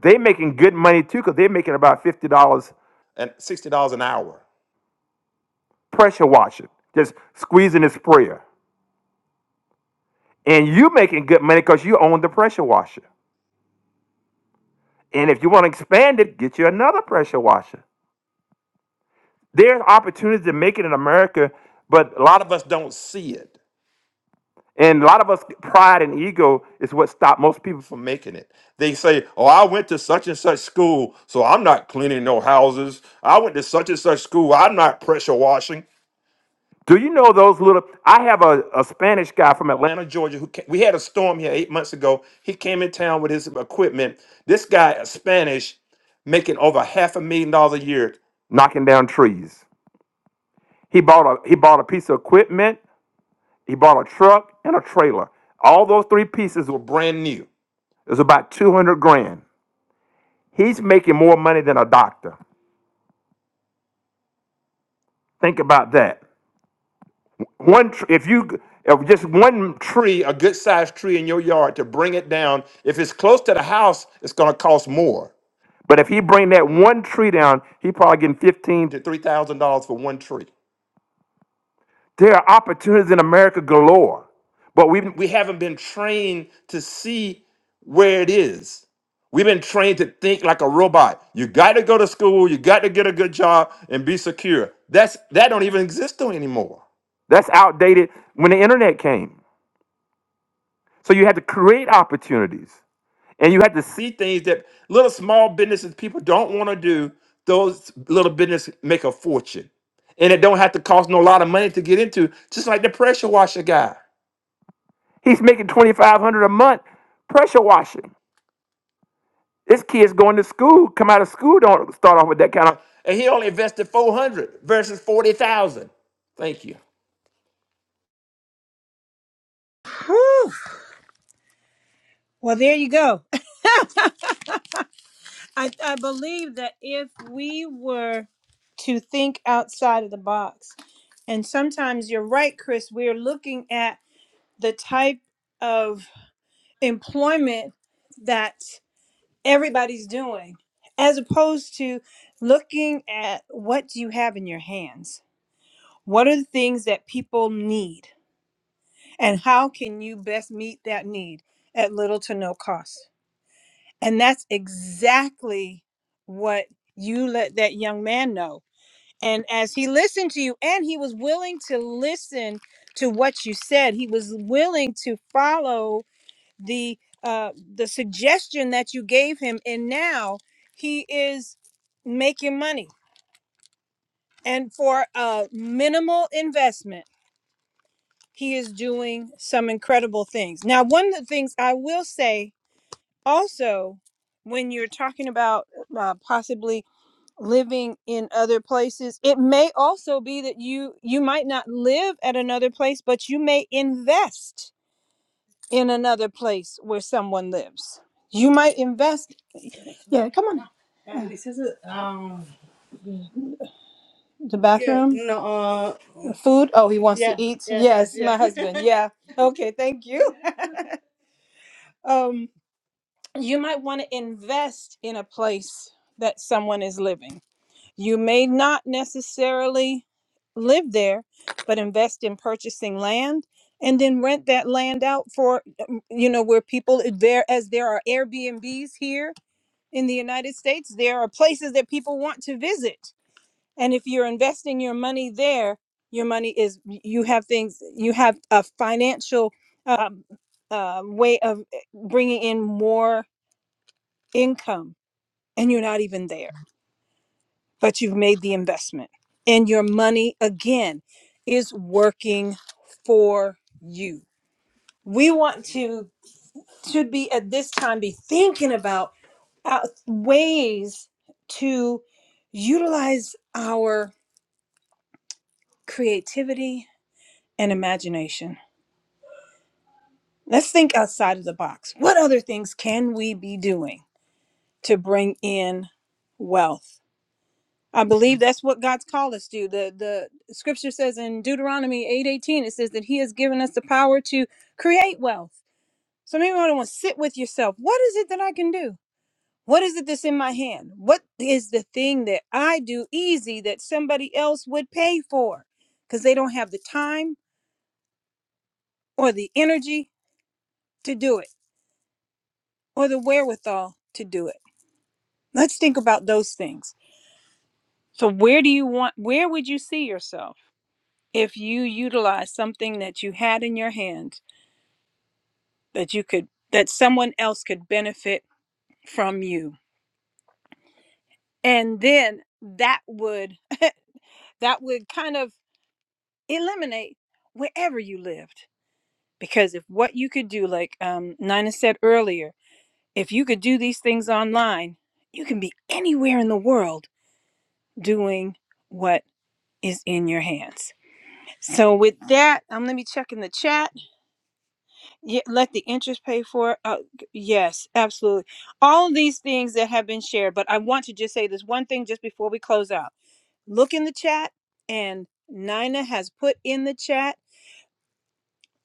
[SPEAKER 3] They making good money too, because they're making about fifty dollars and sixty dollars an hour. pressure washing, just squeezing the sprayer. And you making good money because you own the pressure washer. And if you want to expand it, get you another pressure washer. There's opportunities to make it in America, but A lot of us don't see it and a lot of us pride and ego is what stop most people. from making it. They say, "Oh, I went to such and such school, so I'm not cleaning no houses. I went to such and such school. I'm not pressure washing. Do you know those little? I have a, a Spanish guy from Atlanta, Georgia, who came, we had a storm here eight months ago. He came in town with his equipment. This guy, a Spanish, making over half a million dollars a year knocking down trees. He bought a he bought a piece of equipment. He bought a truck and a trailer. All those three pieces were brand new. It was about two hundred grand. He's making more money than a doctor. Think about that. one tr- if you if just one tree a good sized tree in your yard to bring it down if it's close to the house it's going to cost more but if he bring that one tree down he probably getting 15 to 3000 dollars for one tree there are opportunities in America galore, but we we haven't been trained to see where it is. We've been trained to think like a robot. You got to go to school, you got to get a good job and be secure. That's that don't even exist anymore. That's outdated when the internet came. So you had to create opportunities. And you have to see things that little small businesses people don't want to do. Those little businesses make a fortune. And it don't have to cost no lot of money to get into, just like the pressure washer guy. He's making 2500 a month pressure washing. This kid's going to school, come out of school, don't start off with that kind of and he only invested 400 versus 40,000. Thank you.
[SPEAKER 1] Whew. Well, there you go. [laughs] I, I believe that if we were to think outside of the box, and sometimes you're right, Chris, we're looking at the type of employment that everybody's doing, as opposed to looking at what do you have in your hands? What are the things that people need? And how can you best meet that need at little to no cost? And that's exactly what you let that young man know And as he listened to you, and he was willing to listen to what you said, he was willing to follow the uh, the suggestion that you gave him, and now he is making money. And for a minimal investment, he is doing some incredible things. Now, one of the things I will say also, when you're talking about uh, possibly living in other places it may also be that you you might not live at another place but you may invest in another place where someone lives you might invest yeah come on now. Uh, this is a, um the yeah, bathroom Yeah, no uh, The food oh he wants Yeah, to eat yeah, yeah, yes yeah. my yeah. husband [laughs] yeah okay thank you [laughs] um you might want to invest in a place that someone is living You may not necessarily live there, but invest in purchasing land and then rent that land out for, um, you know, where people, there as there are Airbnbs here in the United States, there are places that people want to visit. And if you're investing your money there, your money is, you have things, you have a financial um, uh, way of eh, bringing in more income and you're not even there but you've made the investment and your money again is working for you we want to should be at this time be thinking about uh, ways to utilize our creativity and imagination let's think outside of the box what other things can we be doing to bring in wealth I believe that's what God's called us to. do. The the scripture says in Deuteronomy 8:18 it says that he has given us the power to create wealth. So maybe I want to sit with yourself. What is it that I can do? What is it that's in my hand? What is the thing that I do easy that somebody else would pay for cuz they don't have the time or the energy to do it or the wherewithal to do it. Let's think about those things. So where do you want where would you see yourself? if you utilize something that you had in your hands that you could that someone else could benefit from you and then that would that would kind of eliminate wherever you lived because if what you could do like um, nina said earlier if you could do these things online you can be anywhere in the world doing what is in your hands so with that um, let me check in the chat Yeah, let the interest pay for it. Uh, g- yes, absolutely. All of these things that have been shared, but I want to just say this one thing just before we close out. Look in the chat, and Nina has put in the chat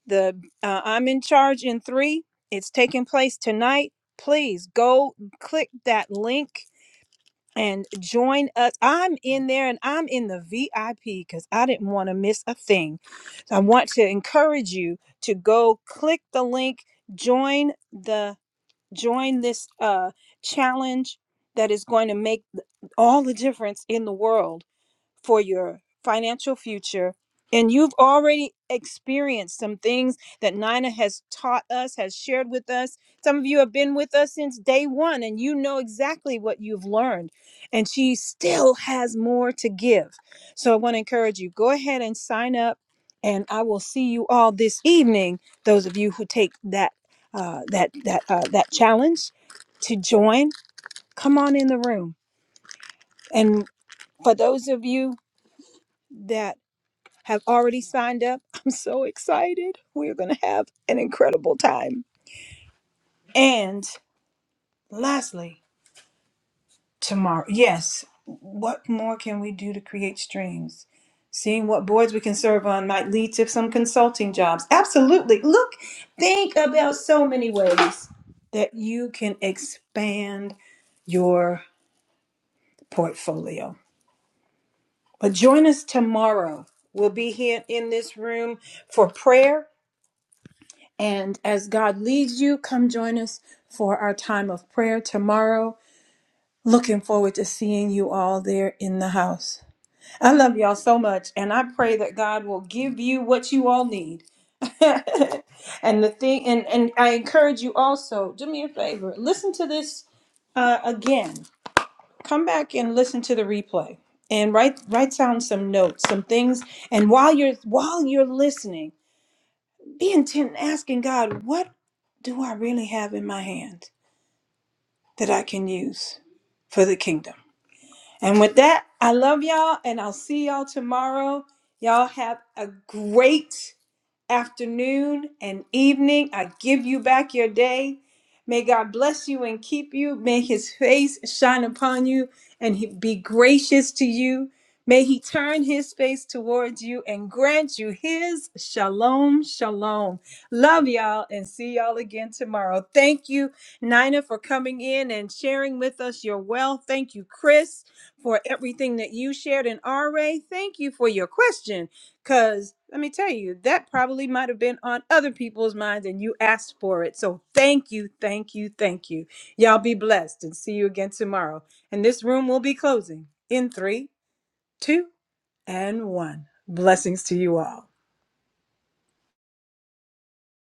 [SPEAKER 1] the uh, I'm in charge in three. It's taking place tonight. Please go click that link and join us. I'm in there and I'm in the VIP because I didn't want to miss a thing. I want to encourage you to go click the link, join the join this uh, challenge that is going to make all the difference in the world for your financial future. And you've already experienced some things that Nina has taught us, has shared with us. Some of you have been with us since day one, and you know exactly what you've learned. And she still has more to give. So I want to encourage you go ahead and sign up, and I will see you all this evening. Those of you who take that uh, that that uh, that challenge to join, come on in the room. And for those of you that have already signed up. [laughs] I'm so excited. We're going to have an incredible time. And lastly, tomorrow, yes, what more can we do to create streams? Seeing what boards we can serve on might lead to some consulting jobs. Absolutely. Look, think about so many ways that you can expand your portfolio. But join us tomorrow. We'll be here in this room for prayer And as God leads you, come join us for our time of prayer tomorrow. Looking forward to seeing you all there in the house. I love y'all so much, and I pray that God will give you what you all need. [laughs] and the thing, and and I encourage you also. Do me a favor, listen to this uh, again. Come back and listen to the replay, and write write down some notes, some things. And while you're while you're listening. Be intent in asking God, what do I really have in my hands that I can use for the kingdom? And with that, I love y'all and I'll see y'all tomorrow. Y'all have a great afternoon and evening. I give you back your day. May God bless you and keep you. May his face shine upon you and he be gracious to you. May he turn his face towards you and grant you his shalom, shalom. Love y'all and see y'all again tomorrow. Thank you, Nina, for coming in and sharing with us your wealth. Thank you, Chris for everything that you shared. And RA, thank you for your question. Because let me tell you, that probably might have been on other people's minds and you asked for it. So thank you, thank you, thank you. Y'all be blessed and see you again tomorrow. And this room will be closing in three, two, and one. Blessings to you all.